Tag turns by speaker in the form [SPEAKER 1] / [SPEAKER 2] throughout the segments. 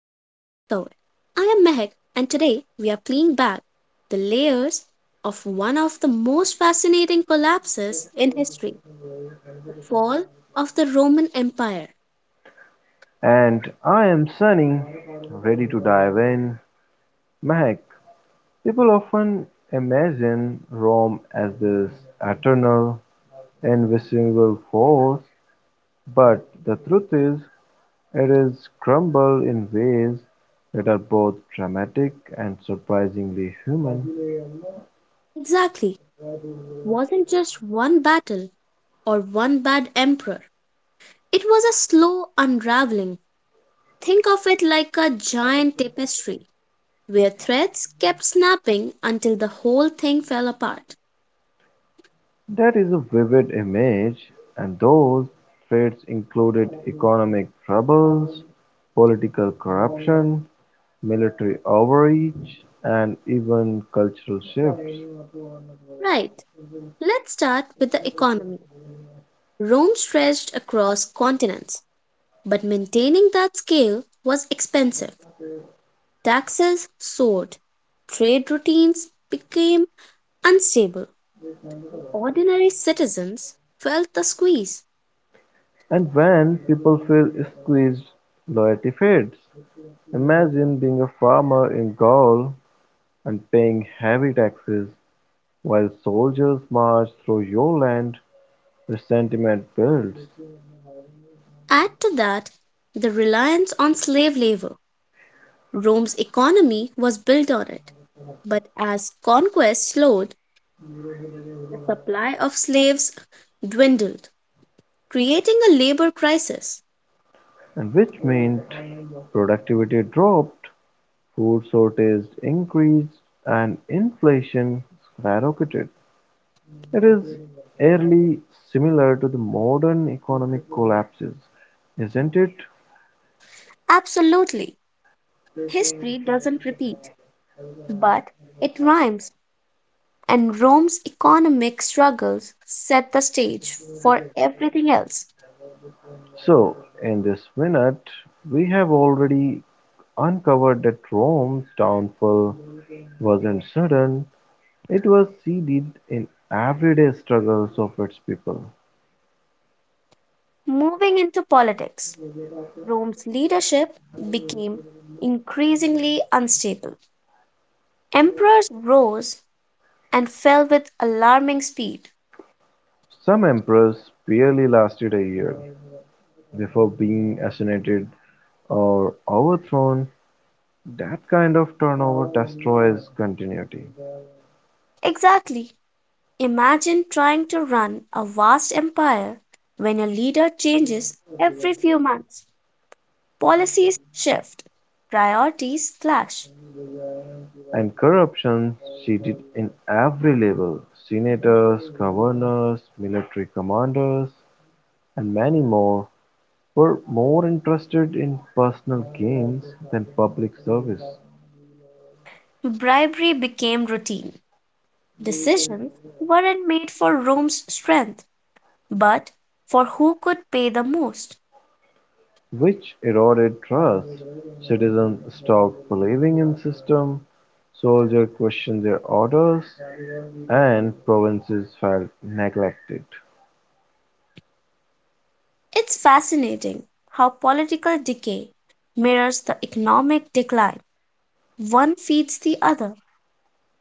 [SPEAKER 1] I am Mehak, and today we are peeling back the layers of one of the most fascinating collapses in history, the fall of the Roman Empire.
[SPEAKER 2] And I am Sunny, ready to dive in. Mac, people often imagine Rome as this eternal, invisible force, but the truth is, it is crumbled in ways that are both dramatic and surprisingly human.
[SPEAKER 1] Exactly, it wasn't just one battle or one bad emperor, it was a slow unraveling. Think of it like a giant tapestry where threads kept snapping until the whole thing fell apart.
[SPEAKER 2] That is a vivid image, and those threats included economic troubles, political corruption, military overreach, and even cultural shifts.
[SPEAKER 1] Right. Let's start with the economy. Rome stretched across continents, but maintaining that scale was expensive. Taxes soared, trade routines became unstable. Ordinary citizens felt the squeeze.
[SPEAKER 2] And when people feel squeezed, loyalty fades. Imagine being a farmer in Gaul and paying heavy taxes while soldiers march through your land, resentment builds,
[SPEAKER 1] Add to that the reliance on slave labor. Rome's economy was built on it, but as conquest slowed, the supply of slaves dwindled, creating a labor crisis.
[SPEAKER 2] and which meant productivity dropped, food shortages increased, and inflation skyrocketed. It is eerily similar to the modern economic collapses, isn't it?
[SPEAKER 1] Absolutely. History doesn't repeat, but it rhymes, and Rome's economic struggles set the stage for everything else.
[SPEAKER 2] So, in this minute, we have already uncovered that Rome's downfall wasn't sudden, it was seeded in everyday struggles of its people.
[SPEAKER 1] Moving into politics, Rome's leadership became increasingly unstable. Emperors rose and fell with alarming speed.
[SPEAKER 2] Some emperors barely lasted a year before being assassinated or overthrown. That kind of turnover destroys continuity.
[SPEAKER 1] Exactly. Imagine trying to run a vast empire when your leader changes every few months. Policies shift, priorities clash.
[SPEAKER 2] And corruption she did in every level: senators, governors, military commanders, and many more were more interested in personal gains than public service,
[SPEAKER 1] Bribery became routine. Decisions weren't made for Rome's strength, but for who could pay the most.
[SPEAKER 2] which eroded trust. Citizens stopped believing in system, soldiers questioned their orders, and provinces felt neglected.
[SPEAKER 1] It's fascinating how political decay mirrors the economic decline. One feeds the other.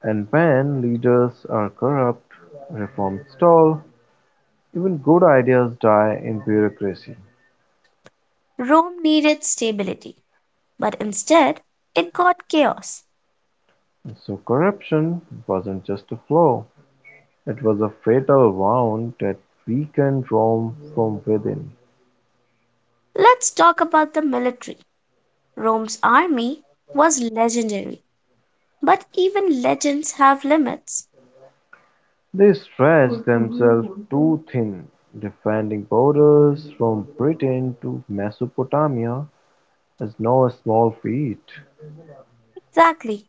[SPEAKER 2] And when leaders are corrupt, reforms stall. Even good ideas die in bureaucracy,
[SPEAKER 1] Rome needed stability, but instead it got chaos.
[SPEAKER 2] so corruption wasn't just a flaw, it was a fatal wound that weakened Rome from within.
[SPEAKER 1] Let's talk about the military. Rome's army was legendary, but even legends have limits.
[SPEAKER 2] They stretched themselves too thin, defending borders from Britain to Mesopotamia is no small feat,
[SPEAKER 1] Exactly.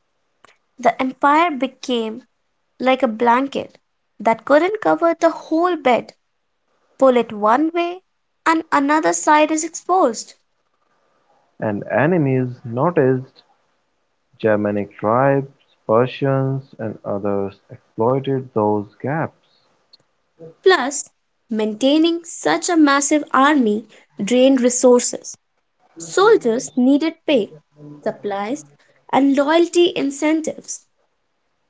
[SPEAKER 1] The empire became like a blanket that couldn't cover the whole bed. Pull it one way and another side is exposed.
[SPEAKER 2] and enemies noticed Germanic tribes, Persians, and others exploited those gaps.
[SPEAKER 1] Plus, maintaining such a massive army drained resources. Soldiers needed pay, supplies, and loyalty incentives.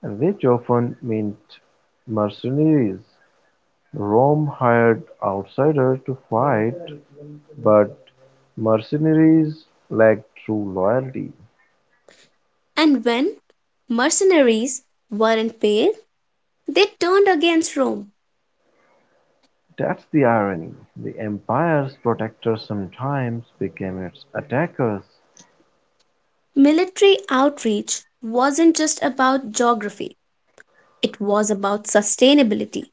[SPEAKER 2] Which often meant mercenaries; Rome hired outsiders to fight, but mercenaries lacked true loyalty.
[SPEAKER 1] And when mercenaries weren't paid, they turned against Rome.
[SPEAKER 2] That's the irony: the empire's protectors sometimes became its attackers.
[SPEAKER 1] Military outreach wasn't just about geography, it was about sustainability.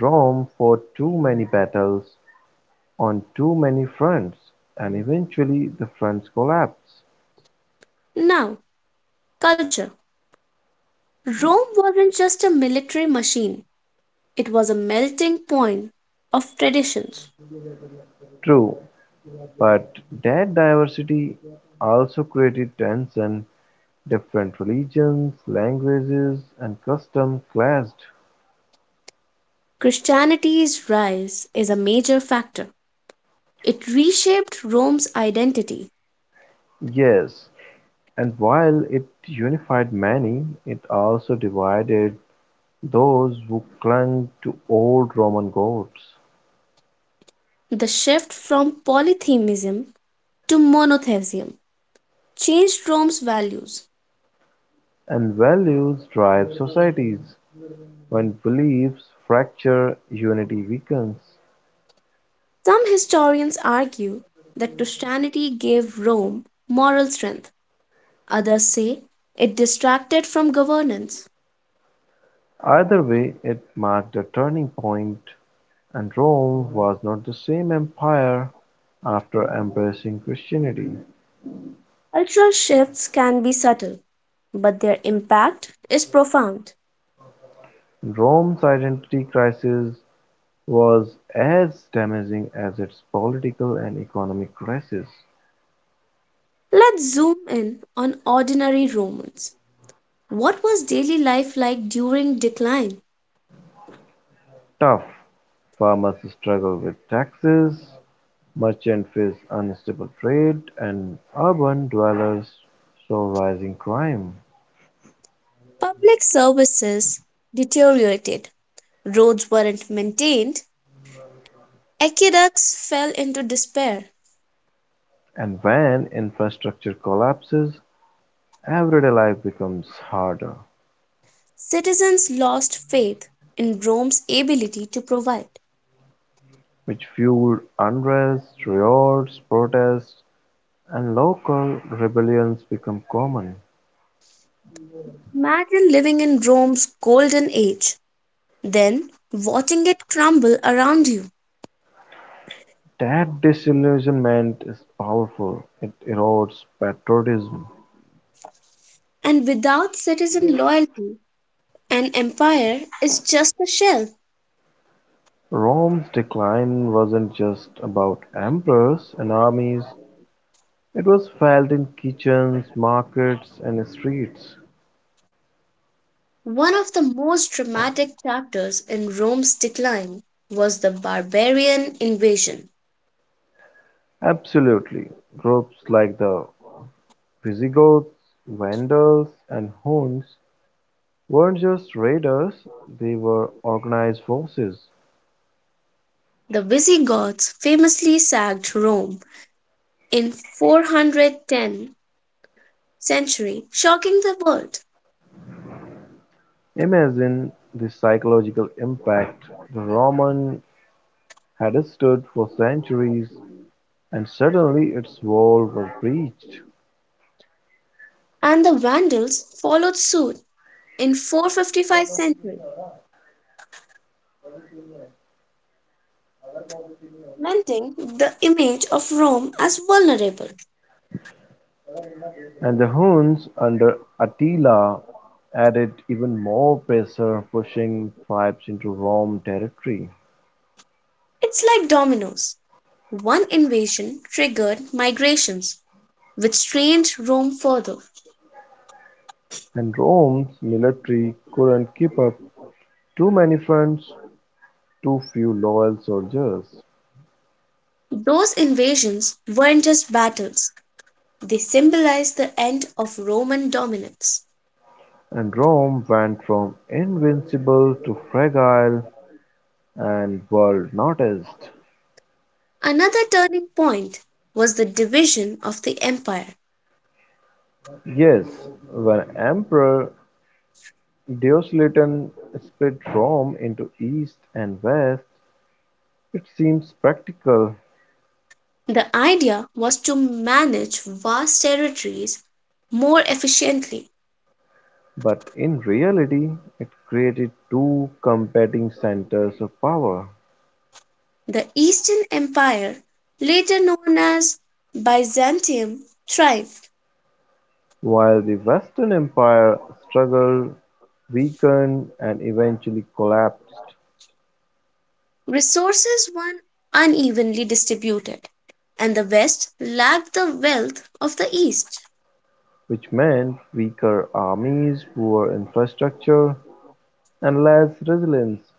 [SPEAKER 2] Rome fought too many battles on too many fronts, and eventually the fronts collapsed.
[SPEAKER 1] Now, culture. Rome wasn't just a military machine, it was a melting point of traditions.
[SPEAKER 2] True, but that diversity also created tension Different religions, languages and customs clashed,
[SPEAKER 1] Christianity's rise is a major factor. It reshaped Rome's identity.
[SPEAKER 2] yes, and while it unified many, it also divided those who clung to old Roman gods
[SPEAKER 1] The shift from polytheism to monotheism changed Rome's values.
[SPEAKER 2] and values drive societies. When beliefs fracture, unity weakens.
[SPEAKER 1] Some historians argue that Christianity gave Rome moral strength, others say it distracted from governance.
[SPEAKER 2] Either way, it marked a turning point, and Rome was not the same empire after embracing Christianity.
[SPEAKER 1] Ultra shifts can be subtle, but their impact is profound.
[SPEAKER 2] Rome's identity crisis was as damaging as its political and economic crisis.
[SPEAKER 1] Let's zoom in on ordinary Romans. What was daily life like during decline?
[SPEAKER 2] Tough farmers struggle with taxes, merchants face unstable trade, and urban dwellers saw rising crime.
[SPEAKER 1] Public services deteriorated, roads weren't maintained, aqueducts fell into despair,
[SPEAKER 2] And when infrastructure collapses, everyday life becomes harder,
[SPEAKER 1] citizens lost faith in Rome's ability to provide.
[SPEAKER 2] which fueled unrest, riots, protests, and local rebellions become common.
[SPEAKER 1] Imagine living in Rome's golden age, then watching it crumble around you.
[SPEAKER 2] That disillusionment is powerful; it erodes patriotism.
[SPEAKER 1] And without citizen loyalty, an empire is just a shell.
[SPEAKER 2] Rome's decline wasn't just about emperors and armies, it was felt in kitchens, markets, and streets.
[SPEAKER 1] One of the most dramatic chapters in Rome's decline was the barbarian invasion.
[SPEAKER 2] Absolutely. Groups like the Visigoths, Vandals, and Huns weren't just raiders, they were organized forces.
[SPEAKER 1] The Visigoths famously sacked Rome in 410 century, shocking the world,
[SPEAKER 2] Imagine the psychological impact the Roman had stood for centuries and suddenly its walls were breached,
[SPEAKER 1] and the Vandals followed suit in 455 century, cementing the image of Rome as vulnerable.
[SPEAKER 2] and the Huns under Attila added even more pressure, pushing tribes into Roman territory.
[SPEAKER 1] It's like dominoes. One invasion triggered migrations, which strained Rome further.
[SPEAKER 2] And Rome's military couldn't keep up. Too many fronts, too few loyal soldiers.
[SPEAKER 1] Those invasions weren't just battles, they symbolized the end of Roman dominance.
[SPEAKER 2] And Rome went from invincible to fragile and world noticed.
[SPEAKER 1] Another turning point was the division of the empire.
[SPEAKER 2] Yes, when Emperor Diocletian split Rome into east and west, it seems practical,
[SPEAKER 1] The idea was to manage vast territories more efficiently.
[SPEAKER 2] but in reality it created two competing centers of power.
[SPEAKER 1] The Eastern Empire, later known as Byzantium, thrived.
[SPEAKER 2] While the Western Empire struggled, weakened, and eventually collapsed,
[SPEAKER 1] Resources were unevenly distributed, and the West lacked the wealth of the East.
[SPEAKER 2] which meant weaker armies, poor infrastructure, and less resilience,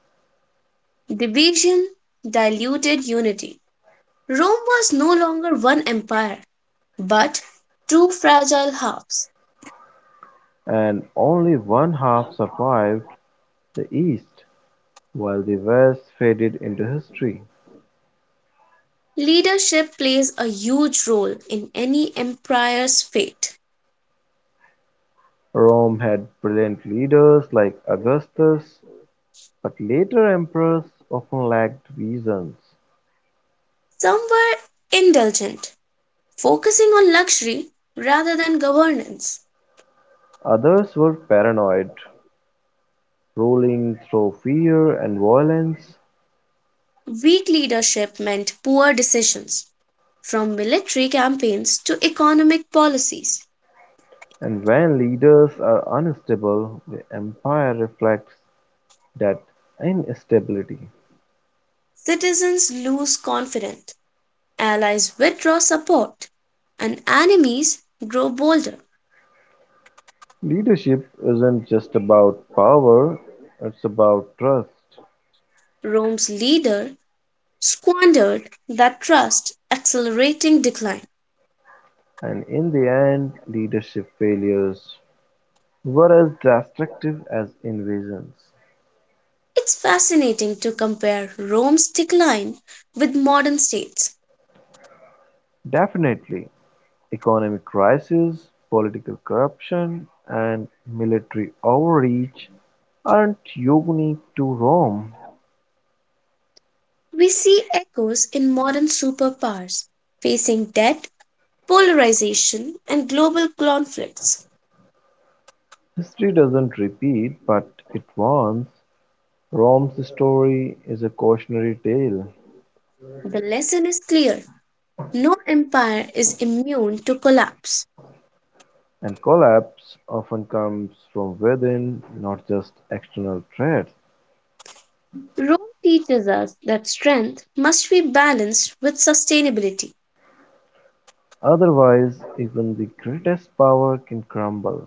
[SPEAKER 1] Division diluted unity. Rome was no longer one empire, but two fragile halves.
[SPEAKER 2] and only one half survived the East, while the West faded into history.
[SPEAKER 1] Leadership plays a huge role in any empire's fate.
[SPEAKER 2] Rome had brilliant leaders like Augustus, but later emperors often lacked visions;
[SPEAKER 1] Some were indulgent, focusing on luxury rather than governance.
[SPEAKER 2] others were paranoid, ruling through fear and violence,
[SPEAKER 1] Weak leadership meant poor decisions. From military campaigns to economic policies,
[SPEAKER 2] and when leaders are unstable, the empire reflects that instability.
[SPEAKER 1] citizens lose confidence, allies withdraw support, and enemies grow bolder.
[SPEAKER 2] Leadership isn't just about power, it's about trust,
[SPEAKER 1] Rome's leader squandered that trust, accelerating decline.
[SPEAKER 2] and in the end, leadership failures were as destructive as invasions.
[SPEAKER 1] It's fascinating to compare Rome's decline with modern states.
[SPEAKER 2] Definitely, economic crises, political corruption, and military overreach aren't unique to Rome.
[SPEAKER 1] We see echoes in modern superpowers facing debt, polarization, and global conflicts.
[SPEAKER 2] History doesn't repeat, but it warns. Rome's story is a cautionary tale,
[SPEAKER 1] The lesson is clear: no empire is immune to collapse.
[SPEAKER 2] and collapse often comes from within, not just external threats.
[SPEAKER 1] Rome teaches us that strength must be balanced with sustainability.
[SPEAKER 2] Otherwise, even the greatest power can crumble.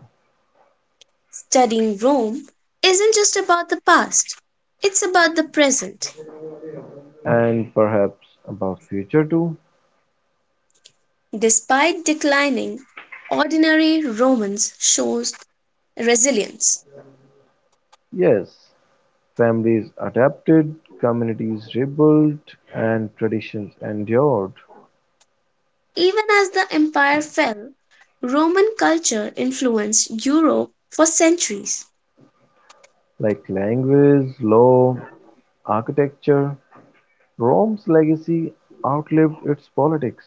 [SPEAKER 1] Studying Rome isn't just about the past, it's about the present.
[SPEAKER 2] And perhaps about future too?
[SPEAKER 1] Despite declining, ordinary Romans shows resilience.
[SPEAKER 2] Yes, families adapted, communities rebuilt, and traditions endured,
[SPEAKER 1] Even as the empire fell, Roman culture influenced Europe for centuries.
[SPEAKER 2] like language, law, architecture. Rome's legacy outlived its politics,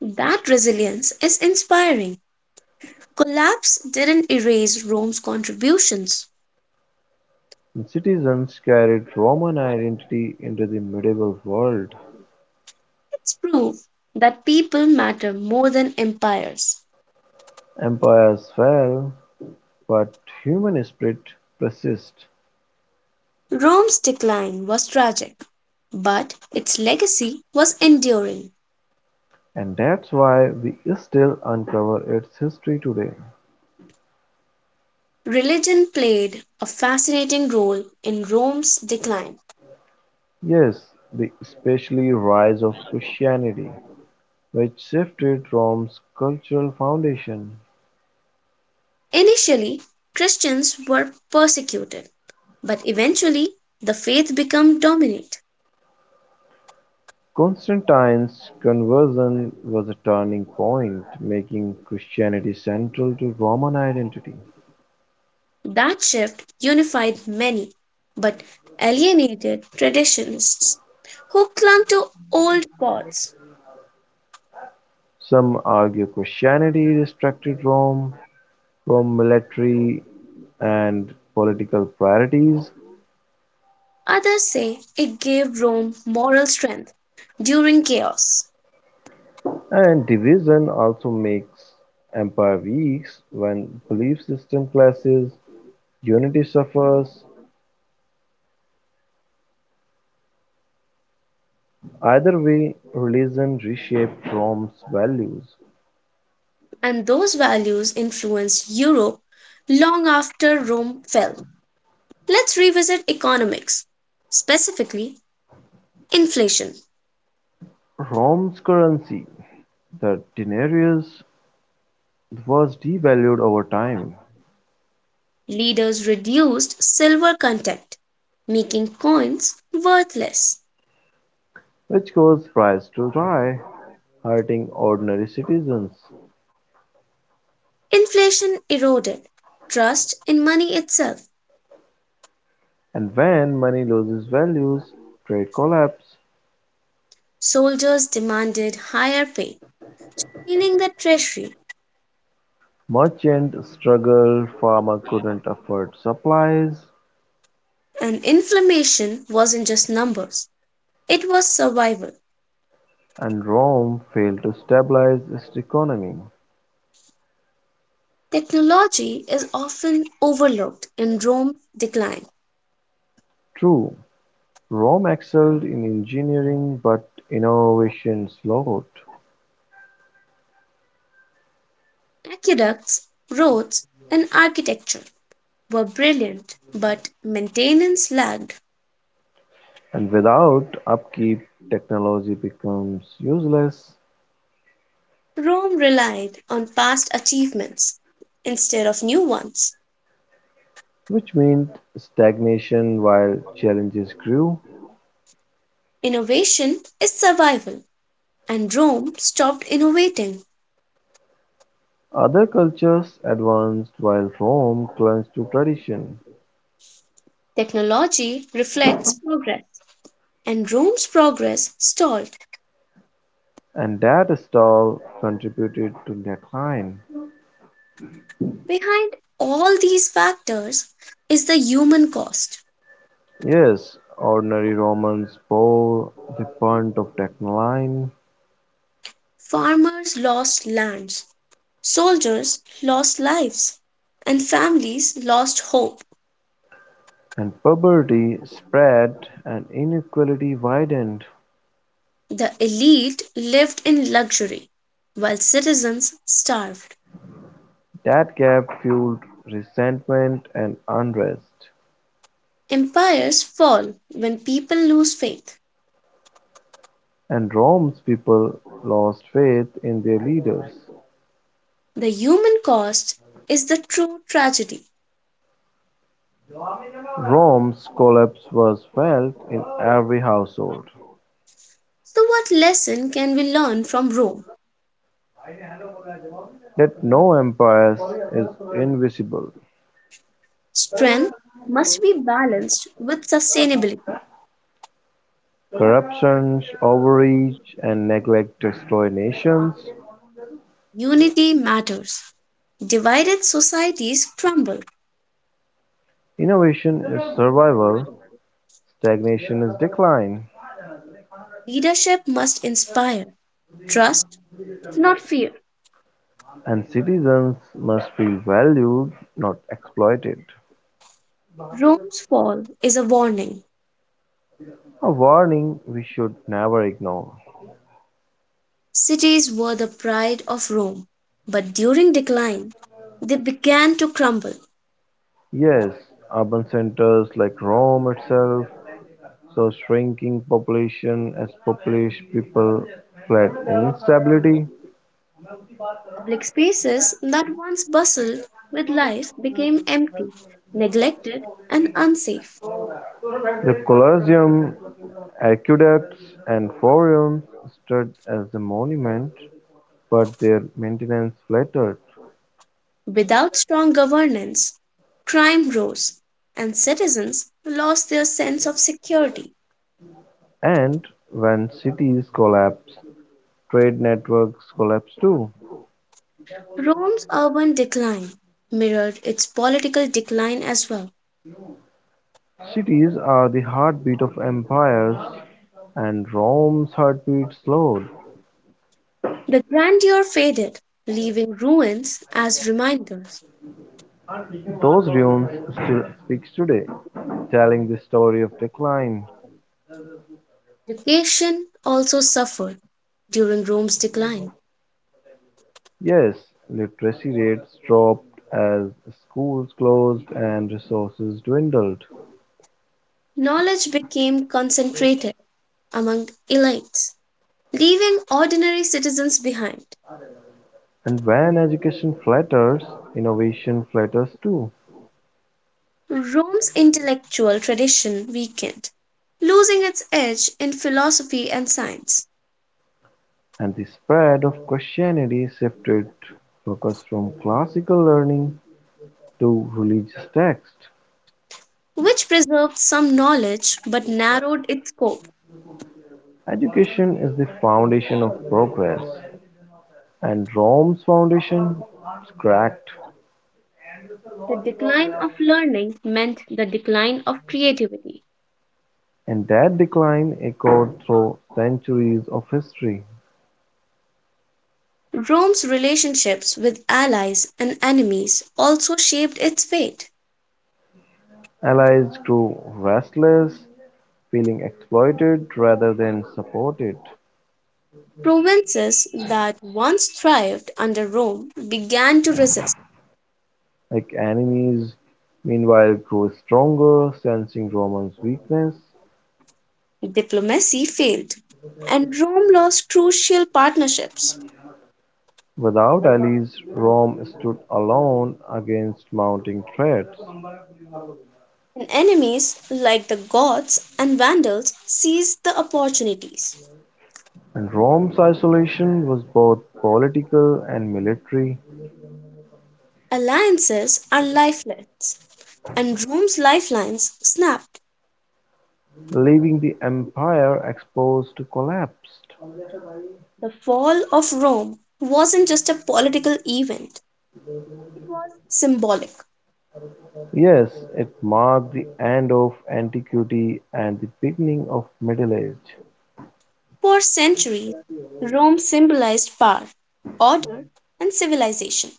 [SPEAKER 1] That resilience is inspiring. Collapse didn't erase Rome's contributions.
[SPEAKER 2] and citizens carried Roman identity into the medieval world.
[SPEAKER 1] It's proof that people matter more than empires.
[SPEAKER 2] Empires fell, but human spirit persists,
[SPEAKER 1] Rome's decline was tragic, but its legacy was enduring.
[SPEAKER 2] and that's why we still uncover its history today.
[SPEAKER 1] Religion played a fascinating role in Rome's decline.
[SPEAKER 2] Yes, the especially rise of Christianity. Which shifted Rome's cultural foundation.
[SPEAKER 1] Initially, Christians were persecuted, but eventually the faith became dominant.
[SPEAKER 2] Constantine's conversion was a turning point, making Christianity central to Roman identity.
[SPEAKER 1] That shift unified many, but alienated traditionalists who clung to old gods.
[SPEAKER 2] Some argue Christianity restricted Rome from military and political priorities,
[SPEAKER 1] Others say it gave Rome moral strength during chaos,
[SPEAKER 2] and division also makes empire weak when belief system clashes, unity suffers. Either way, religion reshaped Rome's values.
[SPEAKER 1] and those values influenced Europe long after Rome fell. Let's revisit economics, specifically inflation.
[SPEAKER 2] Rome's currency, the denarius, was devalued over time,
[SPEAKER 1] Leaders reduced silver content, making coins worthless.
[SPEAKER 2] which caused prices to rise, hurting ordinary citizens.
[SPEAKER 1] Inflation eroded trust in money itself;
[SPEAKER 2] And when money loses value, trade collapsed,
[SPEAKER 1] soldiers demanded higher pay, meaning the treasury;
[SPEAKER 2] merchants struggled, farmers couldn't afford supplies,
[SPEAKER 1] and inflammation wasn't just numbers, it was survival.
[SPEAKER 2] and Rome failed to stabilize its economy.
[SPEAKER 1] Technology is often overlooked in Rome's decline.
[SPEAKER 2] True, Rome excelled in engineering, but innovation slowed.
[SPEAKER 1] Aqueducts, roads, and architecture were brilliant, but maintenance lagged.
[SPEAKER 2] And without upkeep, technology becomes useless,
[SPEAKER 1] Rome relied on past achievements instead of new ones.
[SPEAKER 2] which meant stagnation while challenges grew.
[SPEAKER 1] Innovation is survival. And Rome stopped innovating.
[SPEAKER 2] Other cultures advanced while Rome clung to tradition,
[SPEAKER 1] Technology reflects progress, and Rome's progress stalled.
[SPEAKER 2] and that stall contributed to decline.
[SPEAKER 1] Behind all these factors is the human cost.
[SPEAKER 2] Yes, ordinary Romans bore the brunt of decline,
[SPEAKER 1] Farmers lost lands, soldiers lost lives, and families lost hope.
[SPEAKER 2] and poverty spread and inequality widened.
[SPEAKER 1] The elite lived in luxury, while citizens starved.
[SPEAKER 2] That gap fueled resentment and unrest.
[SPEAKER 1] Empires fall when people lose faith.
[SPEAKER 2] And Rome's people lost faith in their leaders.
[SPEAKER 1] The human cost is the true tragedy.
[SPEAKER 2] Rome's collapse was felt in every household.
[SPEAKER 1] So, what lesson can we learn from Rome?
[SPEAKER 2] Let no empire is invisible.
[SPEAKER 1] Strength must be balanced with sustainability.
[SPEAKER 2] Corruption, overreach, and neglect destroy nations.
[SPEAKER 1] Unity matters. Divided societies crumble.
[SPEAKER 2] Innovation is survival, stagnation is decline,
[SPEAKER 1] Leadership must inspire. Trust, not fear.
[SPEAKER 2] and citizens must feel valued, not exploited.
[SPEAKER 1] Rome's fall is a warning.
[SPEAKER 2] A warning we should never ignore.
[SPEAKER 1] Cities were the pride of Rome, but during decline, they began to crumble.
[SPEAKER 2] Yes, urban centers like Rome itself so shrinking population as Polish people fled instability,
[SPEAKER 1] Public spaces that once bustled with life became empty, neglected, and unsafe.
[SPEAKER 2] the Colosseum, aqueducts and forums stood as a monument, but their maintenance faltered.
[SPEAKER 1] Without strong governance, crime rose, and citizens lost their sense of security.
[SPEAKER 2] And when cities collapse, trade networks collapse too.
[SPEAKER 1] Rome's urban decline mirrored its political decline as well.
[SPEAKER 2] Cities are the heartbeat of empires, and Rome's heartbeat slowed.
[SPEAKER 1] The grandeur faded, leaving ruins as reminders.
[SPEAKER 2] Those ruins still speaks today, telling the story of decline.
[SPEAKER 1] Education also suffered during Rome's decline.
[SPEAKER 2] Yes, literacy rates dropped as schools closed and resources dwindled.
[SPEAKER 1] Knowledge became concentrated among elites, leaving ordinary citizens behind.
[SPEAKER 2] And when education flatters, innovation flatters too.
[SPEAKER 1] Rome's intellectual tradition weakened, losing its edge in philosophy and science,
[SPEAKER 2] And the spread of Christianity shifted focus from classical learning to religious texts.
[SPEAKER 1] which preserved some knowledge but narrowed its scope.
[SPEAKER 2] Education is the foundation of progress, and Rome's foundation is cracked,
[SPEAKER 1] The decline of learning meant the decline of creativity.
[SPEAKER 2] and that decline echoed through centuries of history.
[SPEAKER 1] Rome's relationships with allies and enemies also shaped its fate.
[SPEAKER 2] Allies grew restless, feeling exploited rather than supported,
[SPEAKER 1] Provinces that once thrived under Rome began to resist,
[SPEAKER 2] like enemies, meanwhile grew stronger, sensing Roman's weakness.
[SPEAKER 1] diplomacy failed, and Rome lost crucial partnerships.
[SPEAKER 2] Without allies, Rome stood alone against mounting threats,
[SPEAKER 1] And enemies like the Goths and Vandals seized the opportunities.
[SPEAKER 2] and Rome's isolation was both political and military,
[SPEAKER 1] Alliances are lifelines, and Rome's lifelines snapped.
[SPEAKER 2] leaving the empire exposed to collapse.
[SPEAKER 1] The fall of Rome wasn't just a political event, it was symbolic.
[SPEAKER 2] Yes, it marked the end of antiquity and the beginning of Middle Age.
[SPEAKER 1] For centuries, Rome symbolized power, order, and civilization.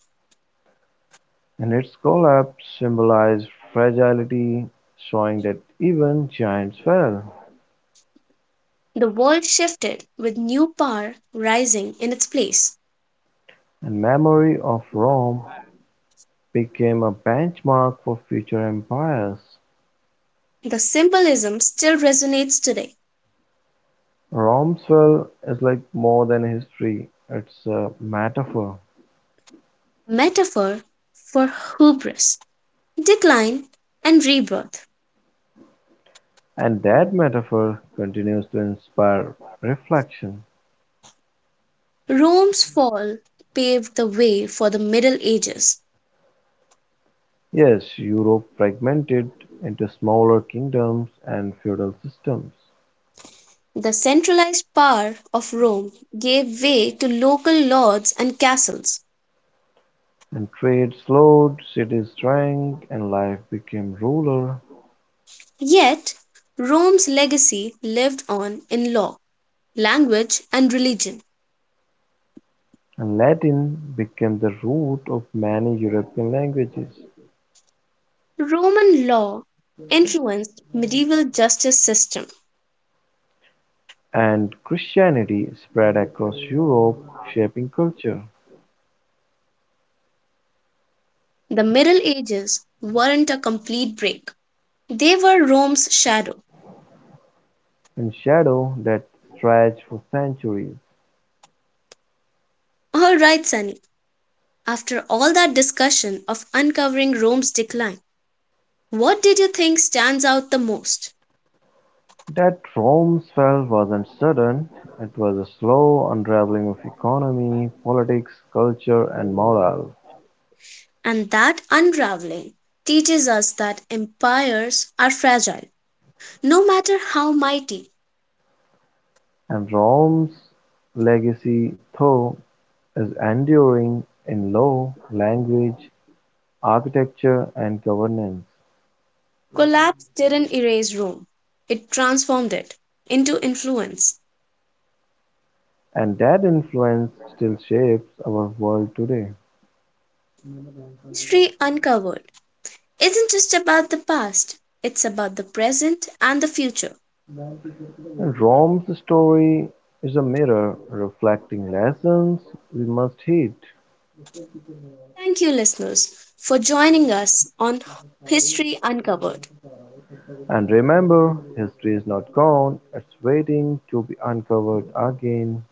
[SPEAKER 2] And its collapse symbolized fragility, showing that even giants fell,
[SPEAKER 1] The world shifted with new power rising in its place.
[SPEAKER 2] and memory of Rome became a benchmark for future empires.
[SPEAKER 1] The symbolism still resonates today.
[SPEAKER 2] Rome's fall is like more than history, it's a metaphor,
[SPEAKER 1] A metaphor for hubris, decline, and rebirth.
[SPEAKER 2] and that metaphor continues to inspire reflection.
[SPEAKER 1] Rome's fall paved the way for the Middle Ages.
[SPEAKER 2] Yes, Europe fragmented into smaller kingdoms and feudal systems,
[SPEAKER 1] The centralized power of Rome gave way to local lords and castles.
[SPEAKER 2] and trade slowed, cities shrank, and life became rural,
[SPEAKER 1] Yet Rome's legacy lived on in law, language, and religion.
[SPEAKER 2] and Latin became the root of many European languages.
[SPEAKER 1] Roman law influenced medieval justice system.
[SPEAKER 2] And Christianity spread across Europe, shaping culture
[SPEAKER 1] The Middle Ages weren't a complete break. They were Rome's shadow.
[SPEAKER 2] in shadow that stretched for centuries.
[SPEAKER 1] All right, Sunny. After all that discussion of uncovering Rome's decline, what did you think stands out the most?
[SPEAKER 2] That Rome's fall wasn't sudden, it was a slow unraveling of economy, politics, culture, and morale.
[SPEAKER 1] And that unraveling teaches us that empires are fragile, no matter how mighty.
[SPEAKER 2] And Rome's legacy, though, is enduring in law, language, architecture, and governance,
[SPEAKER 1] Collapse didn't erase Rome, it transformed it into influence.
[SPEAKER 2] and that influence still shapes our world today.
[SPEAKER 1] History uncovered isn't just about the past, it's about the present and the future.
[SPEAKER 2] Rome's story is a mirror reflecting lessons we must heed.
[SPEAKER 1] Thank you, listeners, for joining us on History Uncovered.
[SPEAKER 2] And remember, history is not gone, it's waiting to be uncovered again.